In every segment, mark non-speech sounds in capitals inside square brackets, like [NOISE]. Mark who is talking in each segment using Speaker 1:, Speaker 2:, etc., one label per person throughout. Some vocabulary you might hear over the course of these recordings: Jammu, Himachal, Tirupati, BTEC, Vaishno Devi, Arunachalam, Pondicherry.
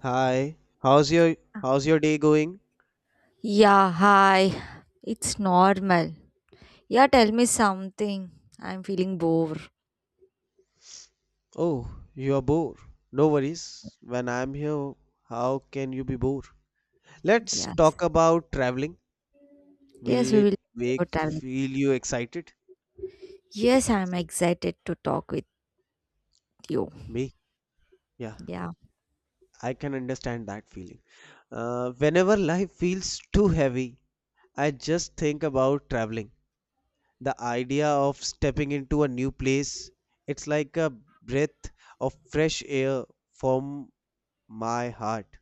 Speaker 1: Hi, how's your how's your day going?
Speaker 2: Yeah, hi. It's normal. Yeah, tell me something. I'm feeling bored.
Speaker 1: Oh, you are bored. No worries. When I'm here, how can you be bored? Let's
Speaker 2: Yes.
Speaker 1: talk about traveling. Will
Speaker 2: Yes, we
Speaker 1: it
Speaker 2: will talk
Speaker 1: make
Speaker 2: about traveling.
Speaker 1: feel you excited?
Speaker 2: Yes, I'm excited to talk with you.
Speaker 1: Me? Yeah,
Speaker 2: Yeah.
Speaker 1: I can understand that feeling. Whenever life feels too heavy, I just think about traveling. The idea of stepping into a new place, it's like a breath of fresh air from my heart.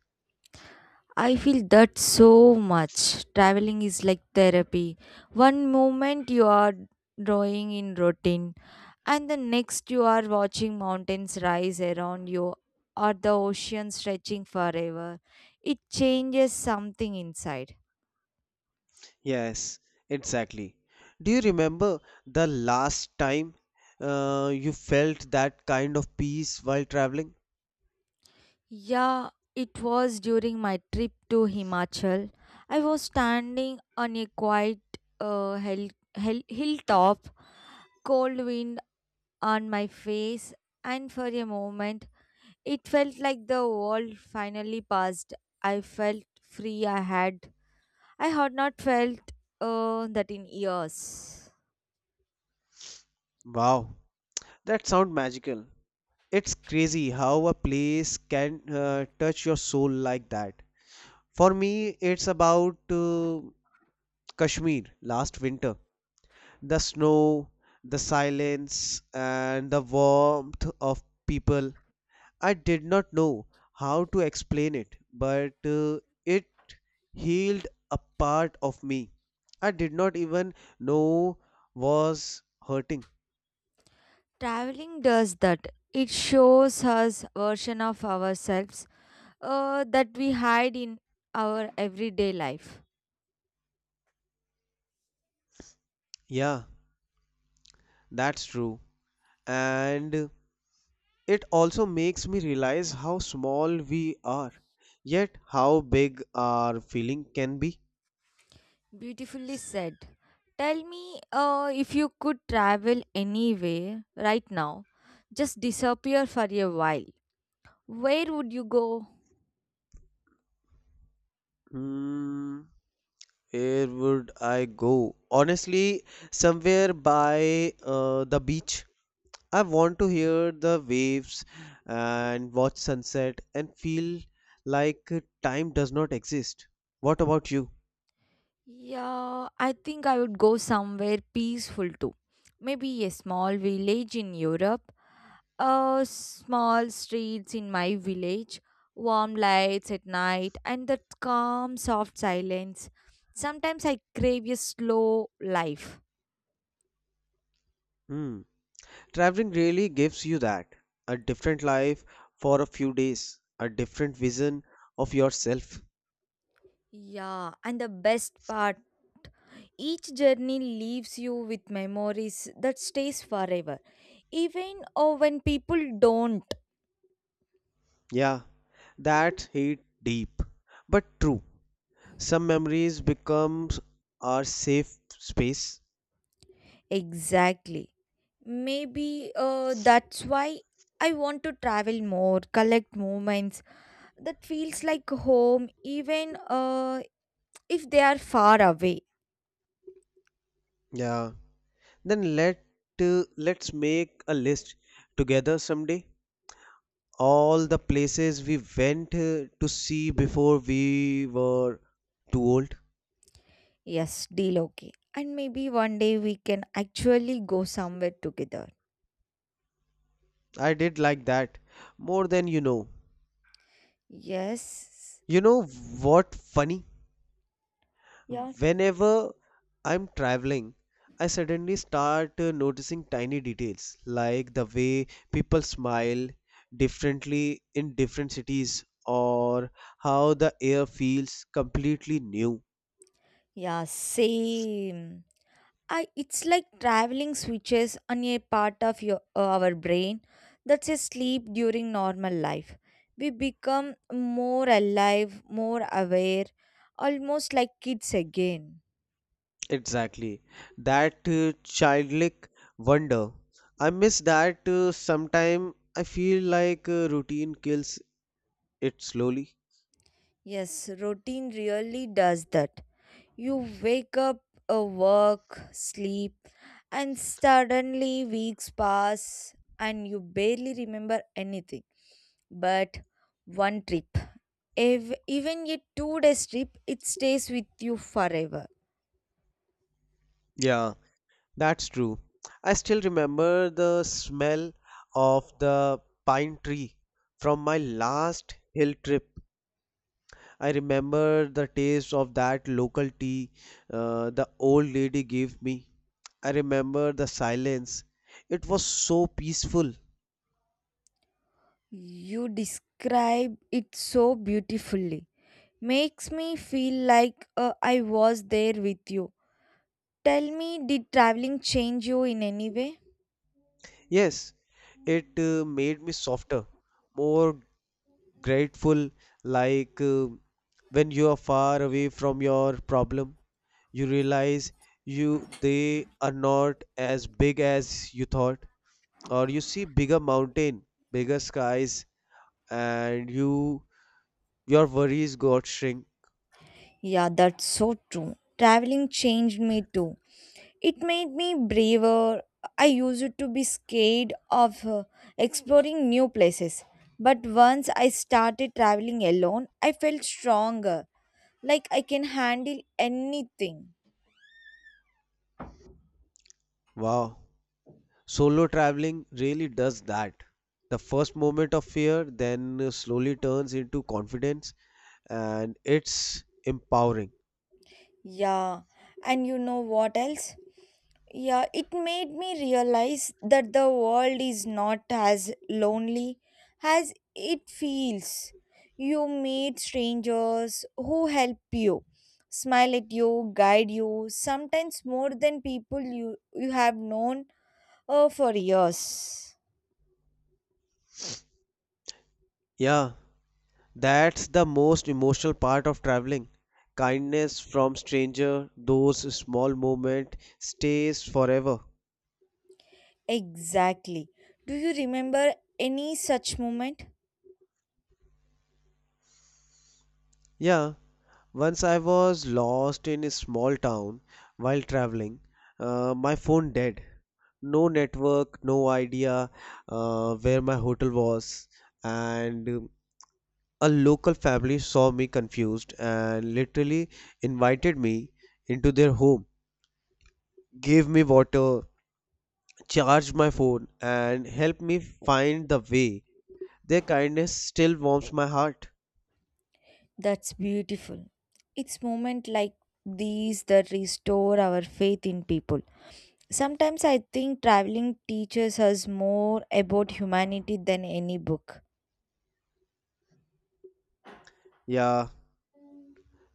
Speaker 2: I feel that so much. Traveling is like therapy. One moment you are drawing in routine, and the next you are watching mountains rise around you or the ocean stretching forever. It changes something inside.
Speaker 1: Yes, exactly. Do you remember the last time you felt that kind of peace while traveling?
Speaker 2: Yeah, it was during my trip to Himachal. I was standing on a quiet uh, hill, hilltop, cold wind on my face, and for a moment it felt like the world finally passed. I felt free. I had not felt that in years.
Speaker 1: Wow, that sound magical. It's crazy how a place can touch your soul like that. For me, it's about Kashmir last winter. The snow, the silence, and the warmth of people. I did not know how to explain it, but it healed a part of me I did not even know was hurting.
Speaker 2: Traveling does that. It shows us version of ourselves that we hide in our everyday life.
Speaker 1: Yeah, that's true. And it also makes me realize how small we are, yet how big our feeling can be.
Speaker 2: Beautifully said. Tell me if you could travel anywhere right now, just disappear for a while. Where would you go?
Speaker 1: Hmm, where would I go? Honestly, somewhere by the beach. I want to hear the waves and watch sunset and feel like time does not exist. What about you?
Speaker 2: Yeah, I think I would go somewhere peaceful too. Maybe a small village in Europe, small streets in my village, warm lights at night, and that calm, soft silence. Sometimes I crave a slow life.
Speaker 1: Hmm. Traveling really gives you that a different life for a few days, a different vision of yourself.
Speaker 2: Yeah, and the best part, each journey leaves you with memories that stays forever, even when people don't.
Speaker 1: Yeah, that hit deep, but true. Some memories become our safe space.
Speaker 2: Exactly. Maybe that's why I want to travel more, collect moments that feels like home, even if they are far away.
Speaker 1: Yeah. Then let's make a list together someday, all the places we went to see before we were too old.
Speaker 2: Yes, deal okay. And maybe one day we can actually go somewhere together.
Speaker 1: I did like that more than you know.
Speaker 2: Yes.
Speaker 1: You know what funny?
Speaker 2: Yeah.
Speaker 1: Whenever I'm traveling, I suddenly start noticing tiny details like the way people smile differently in different cities or how the air feels completely new.
Speaker 2: Yeah, same. I it's like traveling switches on a part of your our brain that's asleep during normal life. We become more alive, more aware, almost like kids again.
Speaker 1: Exactly. That childlike wonder. I miss that sometime. I feel like routine kills it slowly.
Speaker 2: Yes, routine really does that. You wake up, work, sleep, and suddenly weeks pass and you barely remember anything. But one trip. If, Even a 2-day trip, it stays with you forever.
Speaker 1: Yeah, that's true. I still remember the smell of the pine tree from my last hill trip. I remember the taste of that local tea, the old lady gave me. I remember the silence. It was so peaceful.
Speaker 2: You describe it so beautifully. Makes me feel like I was there with you. Tell me, did traveling change you in any way?
Speaker 1: Yes, it made me softer, more grateful. Like when you are far away from your problem, you realize you they are not as big as you thought, or you see bigger mountain, bigger skies, and your worries got shrink.
Speaker 2: Yeah, that's so true. Traveling changed me too. It made me braver. I used to be scared of exploring new places. But once I started traveling alone, I felt stronger. Like I can handle anything.
Speaker 1: Wow, solo traveling really does that. The first moment of fear then slowly turns into confidence, and it's empowering.
Speaker 2: Yeah, and you know what else? Yeah, it made me realize that the world is not as lonely as it feels. You meet strangers who help you, smile at you, guide you, sometimes more than people you have known for years.
Speaker 1: Yeah, that's the most emotional part of traveling. Kindness from stranger, those small moment stays forever.
Speaker 2: Exactly. Do you remember any such moment?
Speaker 1: Yeah, once I was lost in a small town while traveling, my phone dead. No network, no idea where my hotel was, and a local family saw me confused and literally invited me into their home, gave me water, charged my phone, and helped me find the way. Their kindness still warms my heart.
Speaker 2: That's beautiful. It's moment like these that restore our faith in people. Sometimes I think traveling teaches us more about humanity than any book.
Speaker 1: Yeah,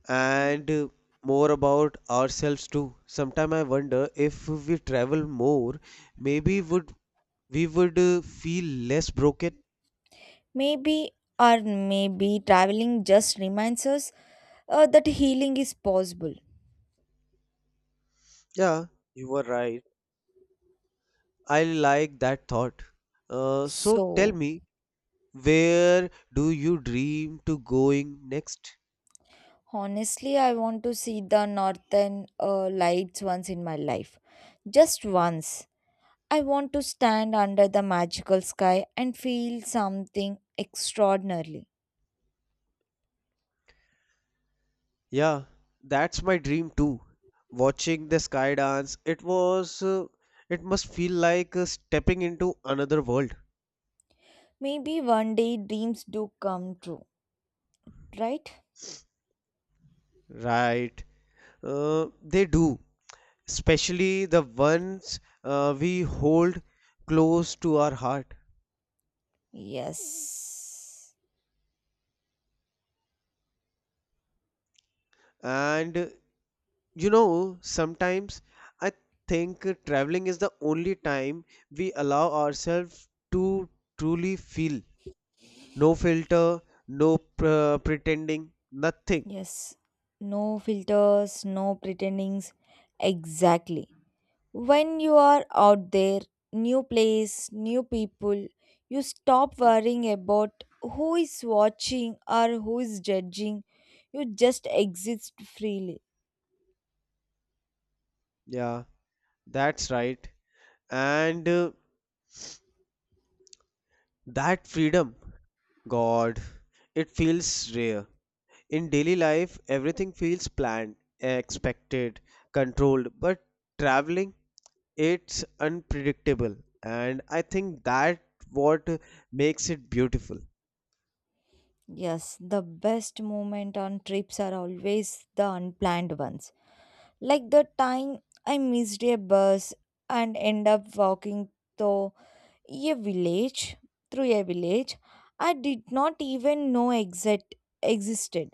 Speaker 1: and more about ourselves too. Sometimes I wonder if we travel more, maybe would we would feel less broken.
Speaker 2: Maybe, or maybe traveling just reminds us that healing is possible.
Speaker 1: Yeah, you were right. I like that thought. So tell
Speaker 2: So,
Speaker 1: me, where do you dream to going next?
Speaker 2: honestly, I want to see the northern lights once in my life. Just once. I want to stand under the magical sky and feel something extraordinary.
Speaker 1: Yeah, that's my dream too. Watching the sky dance, it must feel like stepping into another world.
Speaker 2: Maybe one day dreams do come true, right?
Speaker 1: Right. They do, especially the ones we hold close to our heart.
Speaker 2: Yes.
Speaker 1: And sometimes I think traveling is the only time we allow ourselves to truly feel. No filter, no pr pretending, nothing.
Speaker 2: Yes, no filters, no pretendings. Exactly. When you are out there, new place, new people, you stop worrying about who is watching or who is judging. You just exist freely.
Speaker 1: Yeah. That's right. And that freedom, God, it feels rare. In daily life, everything feels planned, expected, controlled, but traveling, it's unpredictable. And I think that what makes it beautiful.
Speaker 2: Yes, the best moment on trips are always the unplanned ones. Like the time I missed a bus and end up walking the a village through a village I did not even know exit existed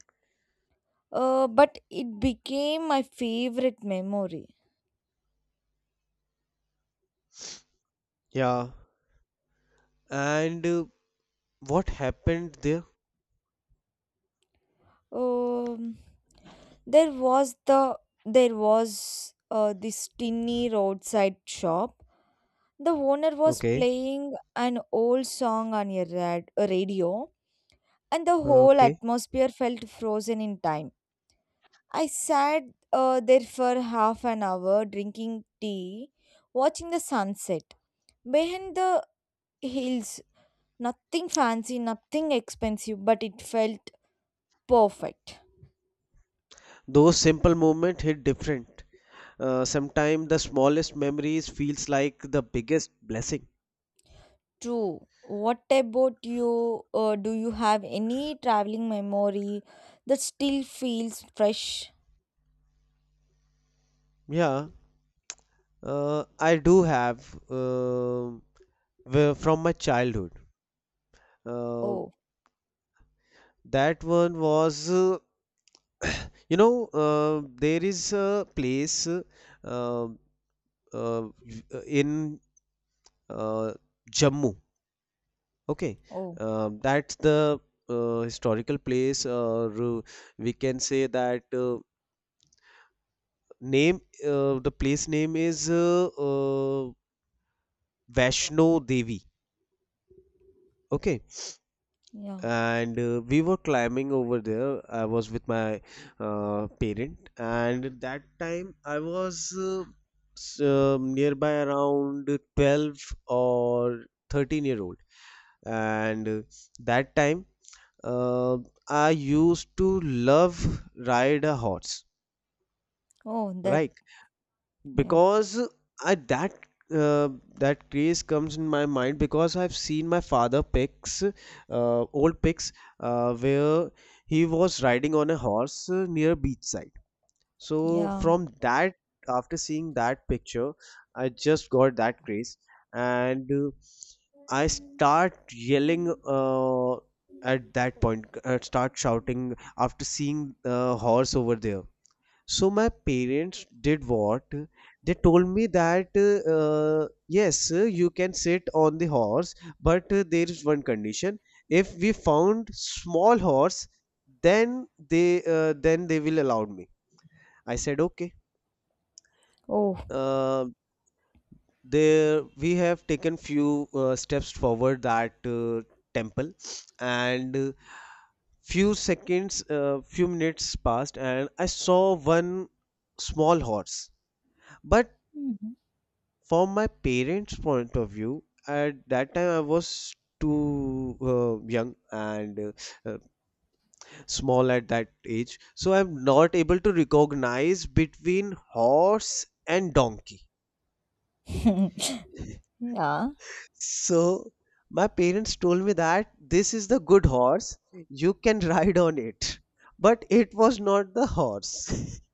Speaker 2: but it became my favorite memory.
Speaker 1: Yeah. And what happened there?
Speaker 2: um, there was the there was this tiny roadside shop. The owner was
Speaker 1: Okay.
Speaker 2: playing an old song on a radio, and the whole
Speaker 1: Okay.
Speaker 2: atmosphere felt frozen in time. I sat there for half an hour drinking tea, watching the sunset. Behind the hills, nothing fancy, nothing expensive, but it felt perfect.
Speaker 1: Those simple moments hit different. Sometimes the smallest memories feels like the biggest blessing.
Speaker 2: True. What about you? Do you have any traveling memory that still feels fresh?
Speaker 1: Yeah, I do have, uh, from my childhood. Uh,
Speaker 2: Oh,
Speaker 1: that one was, [COUGHS] [CLEARS THROAT] there is a place uh, uh, in uh, Jammu. Okay.
Speaker 2: oh,
Speaker 1: That's the historical place, or we can say that name. The place name is Vaishno Devi. Okay,
Speaker 2: yeah.
Speaker 1: and we were climbing over there. I was with my parent, and at that time I was nearby around 12 or 13-year-old, and that time uh, I used to love ride a horse,
Speaker 2: Oh, that,
Speaker 1: right?
Speaker 2: yeah,
Speaker 1: Because I that uh, that craze comes in my mind because I've seen my father pics, old pics, where he was riding on a horse near beachside. So
Speaker 2: yeah.
Speaker 1: from that, after seeing that picture, I just got that craze, and I start yelling at that point. I start shouting after seeing the horse over there. So my parents did what? They told me that yes, you can sit on the horse, but there is one condition. If we found small horse, then they will allow me. I said okay.
Speaker 2: Oh,
Speaker 1: Uh, there we have taken few steps forward that temple, and few minutes passed, and I saw one small horse, but
Speaker 2: [LAUGHS]
Speaker 1: from my parents' point of view, at that time I was too young and uh, uh, small at that age, so I'm not able to recognize between horse and donkey.
Speaker 2: yeah.
Speaker 1: So my parents told me that this is the good horse, you can [LAUGHS] ride on it. But it was not the horse. [LAUGHS]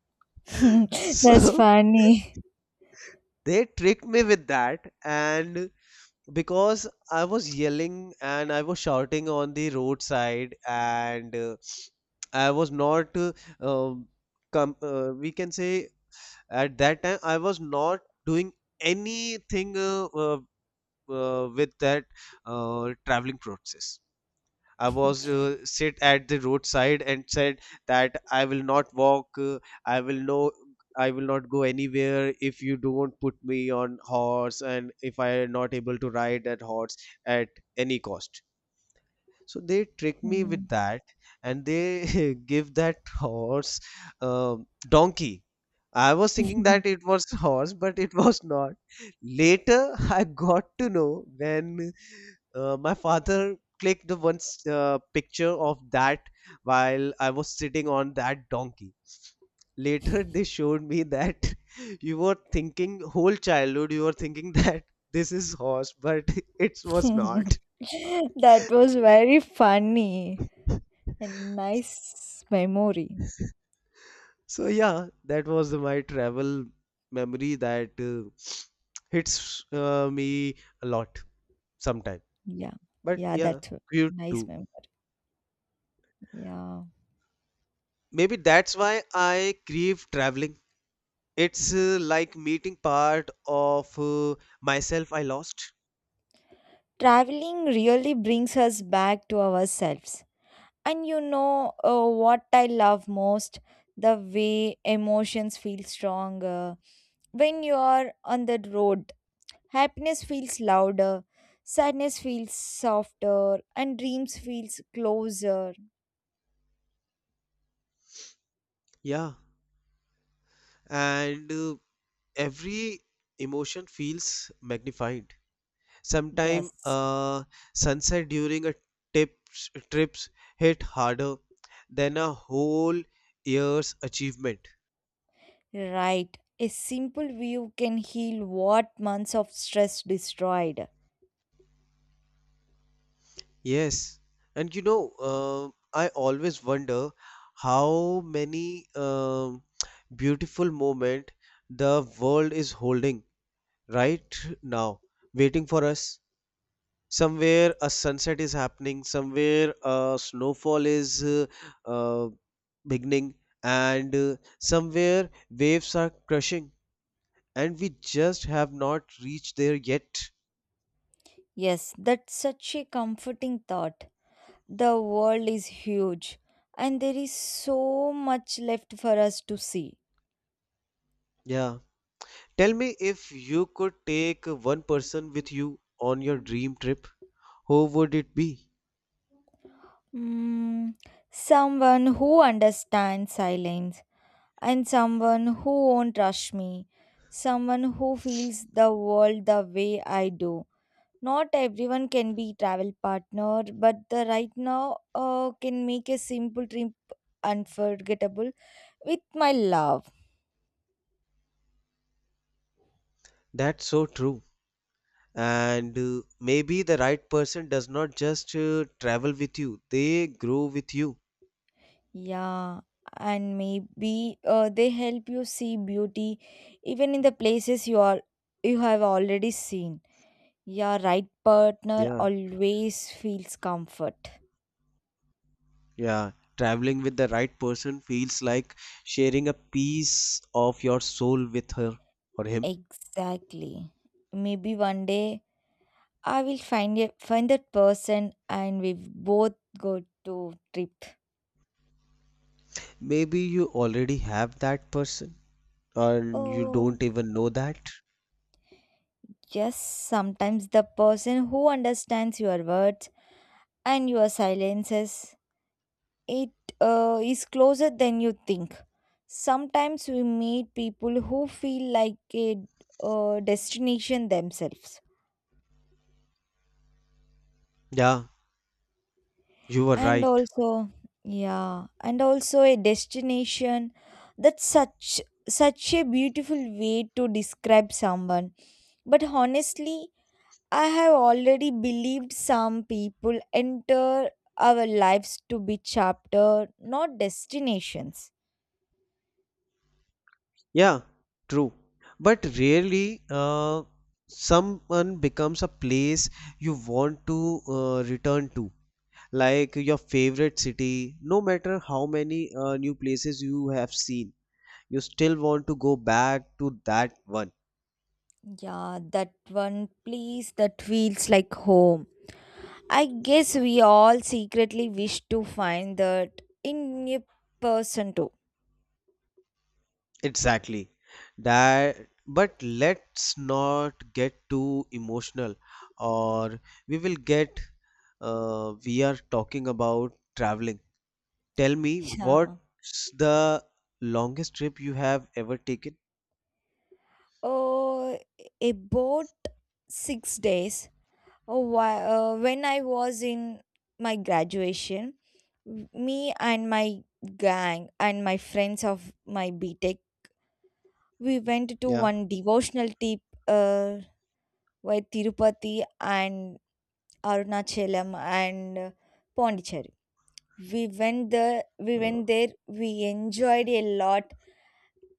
Speaker 2: [LAUGHS] That's
Speaker 1: So
Speaker 2: funny.
Speaker 1: they tricked me with that, and because I was yelling and I was shouting on the roadside, and I was not, um, we can say, at that time, I was not doing anything with that traveling process. I was sit at the roadside and said that I will not walk. i will no I will not go anywhere if you don't put me on horse, and if I am not able to ride that horse at any cost. So they trick me with
Speaker 2: [LAUGHS]
Speaker 1: that, and they [LAUGHS] give that horse, uh, donkey. I was
Speaker 2: [LAUGHS]
Speaker 1: thinking that it was [LAUGHS] horse, but it was not. Later, I got to know when my father clicked the one picture of that while I was sitting on that donkey. Later, they showed me that [LAUGHS] you were thinking whole childhood, you were thinking [LAUGHS] that this is horse, but [LAUGHS] it was not.
Speaker 2: That was very funny and nice memory.
Speaker 1: So yeah, that was my travel memory that [SNIFFS] hits me a lot sometime.
Speaker 2: Yeah,
Speaker 1: But
Speaker 2: yeah,
Speaker 1: yeah,
Speaker 2: that's a
Speaker 1: cute
Speaker 2: nice
Speaker 1: too.
Speaker 2: memory. Yeah.
Speaker 1: Maybe that's why I crave traveling. It's like meeting part of myself I lost.
Speaker 2: Traveling really brings us back to ourselves. And you know what I love most? The way emotions feel stronger. When you are on the road, happiness feels louder, sadness feels softer, and dreams feels closer.
Speaker 1: Yeah, and every emotion feels magnified. Sometimes
Speaker 2: Yes.
Speaker 1: sunset during a trips hit harder than a whole year's achievement.
Speaker 2: Right. A simple view can heal what months of stress destroyed.
Speaker 1: Yes, and I always wonder how many beautiful moment the world is holding right now, waiting for us. Somewhere a sunset is happening, somewhere a snowfall is uh, beginning, and somewhere waves are crushing, and we just have not reached there yet.
Speaker 2: Yes, that's such a comforting thought. The world is huge and there is so much left for us to see.
Speaker 1: Yeah, tell me, if you could take one person with you on your dream trip, who would it be?
Speaker 2: Mm, someone who understands silence and someone who won't rush me. Someone who feels the world the way I do. Not everyone can be travel partner, but the right now can make a simple trip unforgettable with my love.
Speaker 1: That's so true, and maybe the right person does not just travel with you, they grow with you.
Speaker 2: Yeah, and maybe they help you see beauty even in the places you have already seen. Yeah, right partner
Speaker 1: Yeah.
Speaker 2: always feels comfort.
Speaker 1: Yeah, traveling with the right person feels like sharing a piece of your soul with her or him.
Speaker 2: Exactly. Maybe one day I will find that person and we both go to trip.
Speaker 1: Maybe you already have that person and you
Speaker 2: Oh,
Speaker 1: don't even know that.
Speaker 2: yes, sometimes the person who understands your words and your silences it is closer than you think. Sometimes we meet people who feel like a destination themselves.
Speaker 1: Yeah, you were
Speaker 2: And
Speaker 1: right.
Speaker 2: also, yeah, and also a destination. That's such a beautiful way to describe someone. But honestly, I have already believed some people enter our lives to be chapter, not destinations.
Speaker 1: Yeah, true. But really, someone becomes a place you want to return to, like your favorite city, no matter how many new places you have seen. You still want to go back to that one.
Speaker 2: Yeah, that one place that feels like home. I guess we all secretly wish to find that in a person too. [LAUGHS]
Speaker 1: Exactly. That, but let's not get too emotional, or we will get. We are talking about traveling. Tell me,
Speaker 2: Yeah.
Speaker 1: what's the longest trip you have ever taken?
Speaker 2: uh, about 6 days when I was in my graduation. Me and my gang and my friends of my BTEC, we went to
Speaker 1: Yeah.
Speaker 2: one devotional trip uh, by Tirupati and Arunachalam and Pondicherry. We went there. We
Speaker 1: Uh,
Speaker 2: went there. We enjoyed a lot.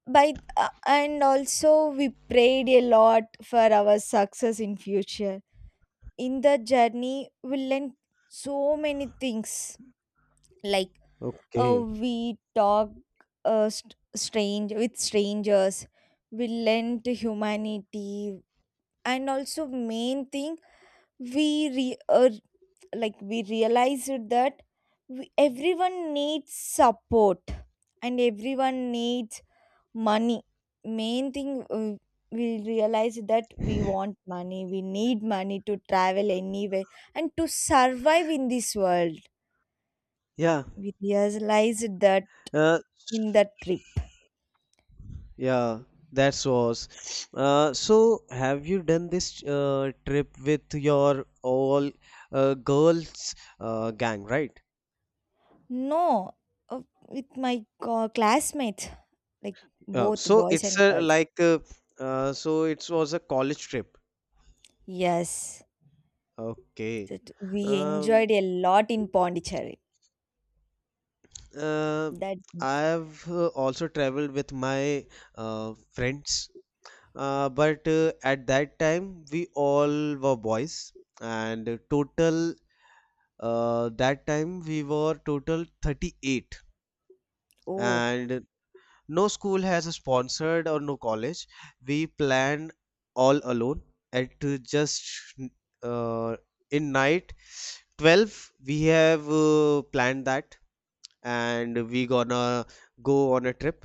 Speaker 2: By and also we prayed a lot for our success in future, in the journey we learn so many things like
Speaker 1: okay.
Speaker 2: we talk uh, st- strange with strangers, we learn to humanity, and also main thing we re- uh, like we realized that everyone needs support and everyone needs money. Main thing we realize that we want money, we need money to travel anywhere and to survive in this world.
Speaker 1: Yeah.
Speaker 2: We realized that
Speaker 1: Uh,
Speaker 2: in that trip.
Speaker 1: yeah. That was. So, have you done this trip with your all girls gang, right?
Speaker 2: No, uh, with my classmates, like
Speaker 1: Oh,
Speaker 2: both
Speaker 1: so
Speaker 2: boys
Speaker 1: it's
Speaker 2: and
Speaker 1: a
Speaker 2: girls.
Speaker 1: like uh, uh, so it was a college trip.
Speaker 2: Yes,
Speaker 1: Okay.
Speaker 2: that we
Speaker 1: Um,
Speaker 2: enjoyed a lot in Pondicherry.
Speaker 1: uh,
Speaker 2: That
Speaker 1: I have also traveled with my friends, but at that time we all were boys, and total that time we were total 38,
Speaker 2: Oh,
Speaker 1: and no school has sponsored or no college. We planned all alone at just uh, in night 12 we have planned that, and we gonna go on a trip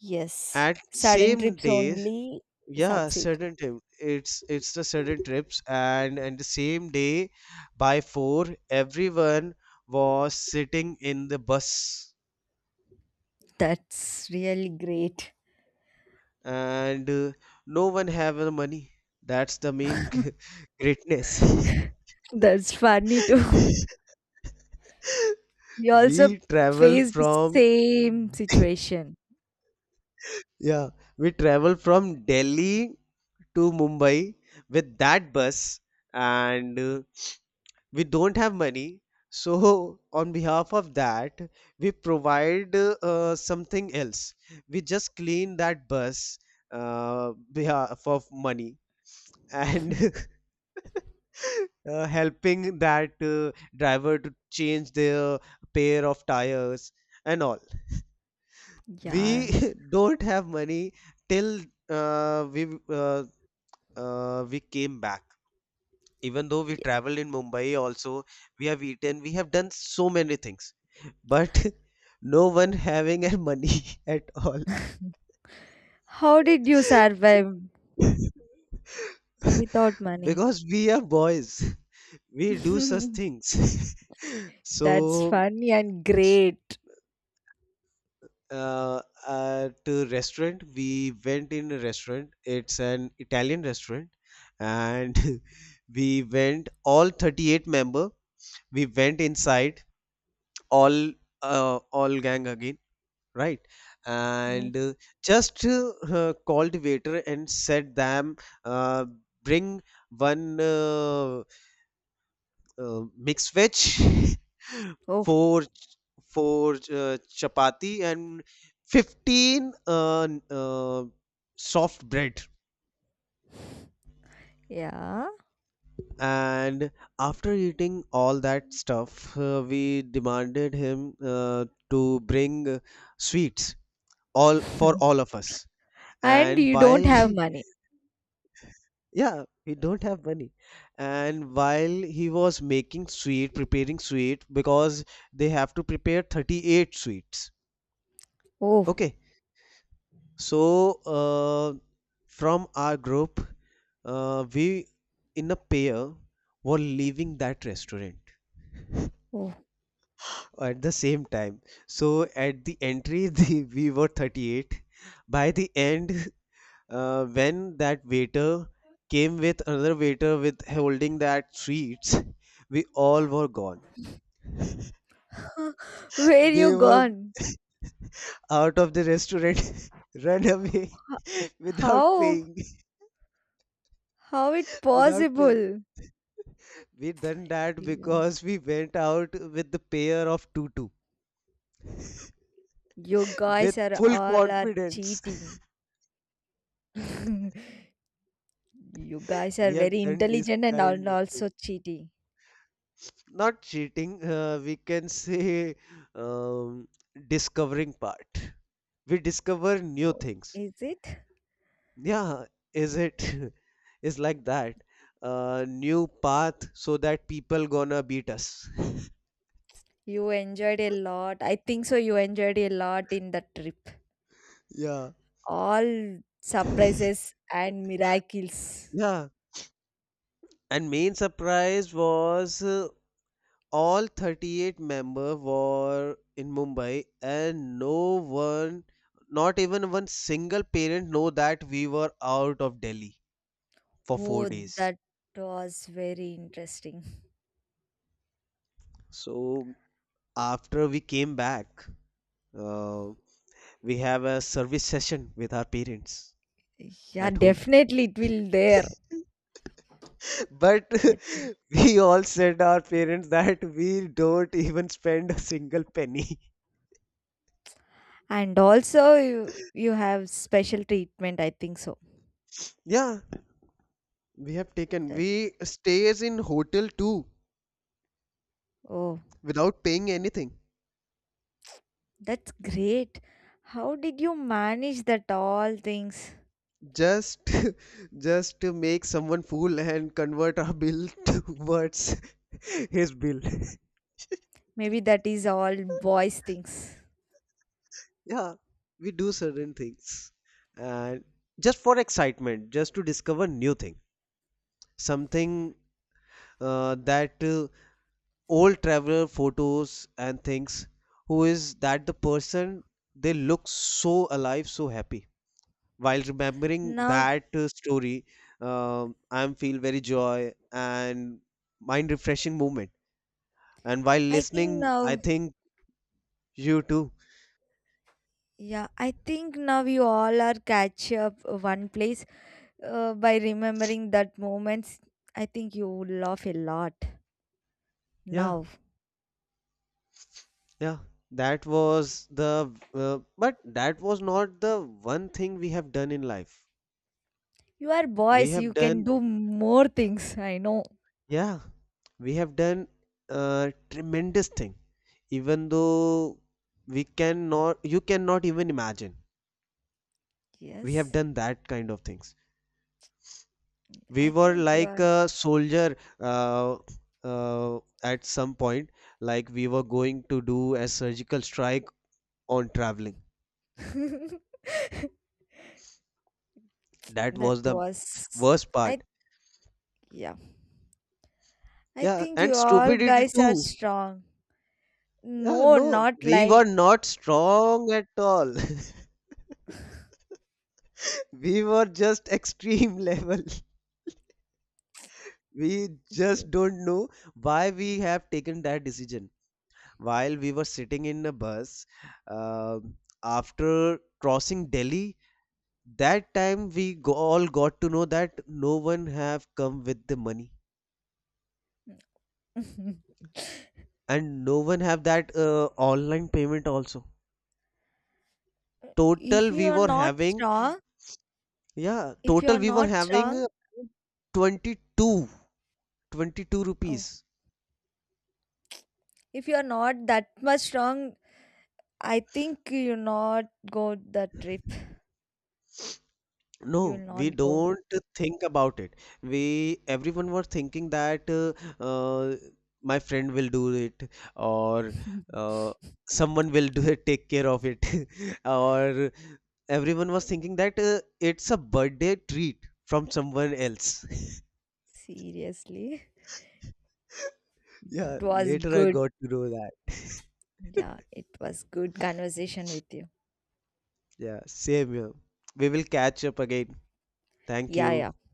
Speaker 2: yes.
Speaker 1: at
Speaker 2: Sudden
Speaker 1: same
Speaker 2: trips
Speaker 1: days.
Speaker 2: only
Speaker 1: Yeah,
Speaker 2: succeed.
Speaker 1: certain trip, it's the certain trips and the same day. By 4, everyone was sitting in the bus,
Speaker 2: That's really great.
Speaker 1: and no one have the money. That's the main [LAUGHS] greatness.
Speaker 2: [LAUGHS] That's funny too. [LAUGHS]
Speaker 1: [LAUGHS]
Speaker 2: We also
Speaker 1: We travel
Speaker 2: faced the
Speaker 1: from.
Speaker 2: same
Speaker 1: [LAUGHS]
Speaker 2: situation.
Speaker 1: Yeah, we travel from Delhi to Mumbai with that bus, and we don't have money. So [LAUGHS] on behalf of that, we provide something else. We just clean that bus, uh, behalf of money, and
Speaker 2: [LAUGHS]
Speaker 1: [LAUGHS] helping that driver to change their pair of tires and all. We
Speaker 2: Yeah.
Speaker 1: [LAUGHS] don't have money till uh, we uh, we came back. Even though we
Speaker 2: Y-
Speaker 1: traveled in Mumbai also, we have eaten, we have done so many things, but [LAUGHS] no one having a money [LAUGHS] at all.
Speaker 2: How did you survive
Speaker 1: [LAUGHS]
Speaker 2: without money?
Speaker 1: Because we are boys, we do such
Speaker 2: [LAUGHS]
Speaker 1: things. [LAUGHS]
Speaker 2: That's
Speaker 1: So,
Speaker 2: funny and great.
Speaker 1: uh, at a restaurant, we went in a restaurant. It's an Italian restaurant, and [LAUGHS] we went all 38 member. We went inside, all all gang again, right,
Speaker 2: Mm.
Speaker 1: and just called waiter and said them, uh, bring one mixed veg, [LAUGHS]
Speaker 2: Oh,
Speaker 1: four four uh, chapati, and 15 soft bread.
Speaker 2: yeah.
Speaker 1: And after eating all that stuff, we demanded him to bring sweets, all for
Speaker 2: [LAUGHS]
Speaker 1: all of us.
Speaker 2: And
Speaker 1: And
Speaker 2: you don't
Speaker 1: while [LAUGHS]
Speaker 2: have money.
Speaker 1: yeah, we don't have money. And while he was making sweet, preparing sweet, because they have to prepare 38 sweets.
Speaker 2: Oh,
Speaker 1: Okay, so, from our group, we in a pair were leaving that restaurant [LAUGHS]
Speaker 2: oh.
Speaker 1: at the same time. So at the entry [LAUGHS] we were 38. By the end, when that waiter came with another waiter with holding that treats, [LAUGHS] we all were gone.
Speaker 2: [LAUGHS] Where
Speaker 1: They
Speaker 2: you
Speaker 1: were
Speaker 2: gone?
Speaker 1: out of the restaurant, [LAUGHS] run away [LAUGHS] without
Speaker 2: How?
Speaker 1: paying.
Speaker 2: How it
Speaker 1: [LAUGHS] Without paying.
Speaker 2: possible?
Speaker 1: We done that
Speaker 2: Yeah.
Speaker 1: because we went out with the pair of tutu
Speaker 2: You
Speaker 1: with
Speaker 2: guys are
Speaker 1: full
Speaker 2: all are
Speaker 1: confidence. [LAUGHS]
Speaker 2: cheating. [LAUGHS] You guys
Speaker 1: We
Speaker 2: are
Speaker 1: have
Speaker 2: very
Speaker 1: done this
Speaker 2: intelligent and
Speaker 1: kind
Speaker 2: all
Speaker 1: of thing.
Speaker 2: also cheating.
Speaker 1: Not cheating, we can say, um, discovering part. We discover new
Speaker 2: Oh,
Speaker 1: things.
Speaker 2: is it?
Speaker 1: Yeah, is it? [LAUGHS] Is like that. New path so that people gonna beat us. [LAUGHS]
Speaker 2: You enjoyed a lot. I think so. You enjoyed a lot in the trip.
Speaker 1: Yeah.
Speaker 2: All surprises and miracles.
Speaker 1: Yeah, and main surprise was, all 38-member were in Mumbai, and no one, not even one single parent know that we were out of Delhi for four
Speaker 2: Oh,
Speaker 1: days.
Speaker 2: that was very interesting.
Speaker 1: So after we came back, uh, we have a service session with our parents
Speaker 2: Yeah,
Speaker 1: at home.
Speaker 2: definitely it will there.
Speaker 1: But
Speaker 2: I think.
Speaker 1: [LAUGHS] we all said our parents that we don't even spend a single penny. [LAUGHS]
Speaker 2: And also you have special treatment. I think so.
Speaker 1: Yeah, we have taken.
Speaker 2: That
Speaker 1: We stays in hotel too
Speaker 2: Oh,
Speaker 1: without paying anything.
Speaker 2: that's great. How did you manage that all things?
Speaker 1: Just [LAUGHS] just to make someone fool and convert our bill [LAUGHS] towards [LAUGHS] his bill.
Speaker 2: Maybe that is all boys things.
Speaker 1: [LAUGHS] Yeah, we do certain things. And just for excitement, just to discover new thing. Something, that old traveler photos and things, who is that the person, they look so alive, so happy while remembering
Speaker 2: Now.
Speaker 1: that story. I feel very joy and mind refreshing moment. And while
Speaker 2: I think
Speaker 1: listening, I
Speaker 2: now.
Speaker 1: think you too.
Speaker 2: Yeah, I think now we all are catch up one place by remembering that moments. I think you will laugh a lot
Speaker 1: Yeah,
Speaker 2: now.
Speaker 1: yeah, that was the, but that was not the one thing we have done in life.
Speaker 2: You are
Speaker 1: We
Speaker 2: boys,
Speaker 1: have
Speaker 2: you can
Speaker 1: done.
Speaker 2: do more things. I know.
Speaker 1: Yeah, we have done a tremendous thing, even though we cannot, you cannot even imagine. We have
Speaker 2: Yes,
Speaker 1: done that kind of things. We
Speaker 2: I
Speaker 1: were
Speaker 2: think you
Speaker 1: like
Speaker 2: are.
Speaker 1: a soldier, at some point, like we were going to do a surgical strike on traveling.
Speaker 2: [LAUGHS]
Speaker 1: That
Speaker 2: That
Speaker 1: was the
Speaker 2: was.
Speaker 1: worst
Speaker 2: I
Speaker 1: part.
Speaker 2: Yeah. I
Speaker 1: Yeah,
Speaker 2: think
Speaker 1: and
Speaker 2: you all
Speaker 1: stupidity
Speaker 2: guys are
Speaker 1: too.
Speaker 2: strong.
Speaker 1: Yeah,
Speaker 2: No,
Speaker 1: no,
Speaker 2: not
Speaker 1: we were
Speaker 2: like
Speaker 1: not strong at all. [LAUGHS] We were just [LAUGHS] extreme level. We
Speaker 2: you.
Speaker 1: just don't know why we have taken that decision. While we were sitting in a bus, um after crossing Delhi, that time we go, all got to know that no one have come with the money,
Speaker 2: [LAUGHS]
Speaker 1: and no one have that online payment also. Total
Speaker 2: If you
Speaker 1: we
Speaker 2: are
Speaker 1: were
Speaker 2: not
Speaker 1: having,
Speaker 2: strong,
Speaker 1: yeah,
Speaker 2: if you
Speaker 1: total
Speaker 2: are
Speaker 1: we were
Speaker 2: not
Speaker 1: having
Speaker 2: strong.
Speaker 1: 22, twenty-two
Speaker 2: Oh,
Speaker 1: rupees.
Speaker 2: if you're not that much strong, I think you'll not go the trip. You'll
Speaker 1: No, we
Speaker 2: not go.
Speaker 1: don't think about it. We everyone were thinking that, uh, my friend will do it, or
Speaker 2: [LAUGHS]
Speaker 1: uh, someone will do it, take care of it, [LAUGHS] or everyone was thinking that, it's a birthday treat from someone else. [LAUGHS]
Speaker 2: Seriously.
Speaker 1: Yeah,
Speaker 2: It was
Speaker 1: later I
Speaker 2: good.
Speaker 1: got to know that.
Speaker 2: Yeah,
Speaker 1: [LAUGHS]
Speaker 2: it was good conversation with you.
Speaker 1: Yeah, same here. We will catch up again. Thank
Speaker 2: Yeah,
Speaker 1: you.
Speaker 2: yeah.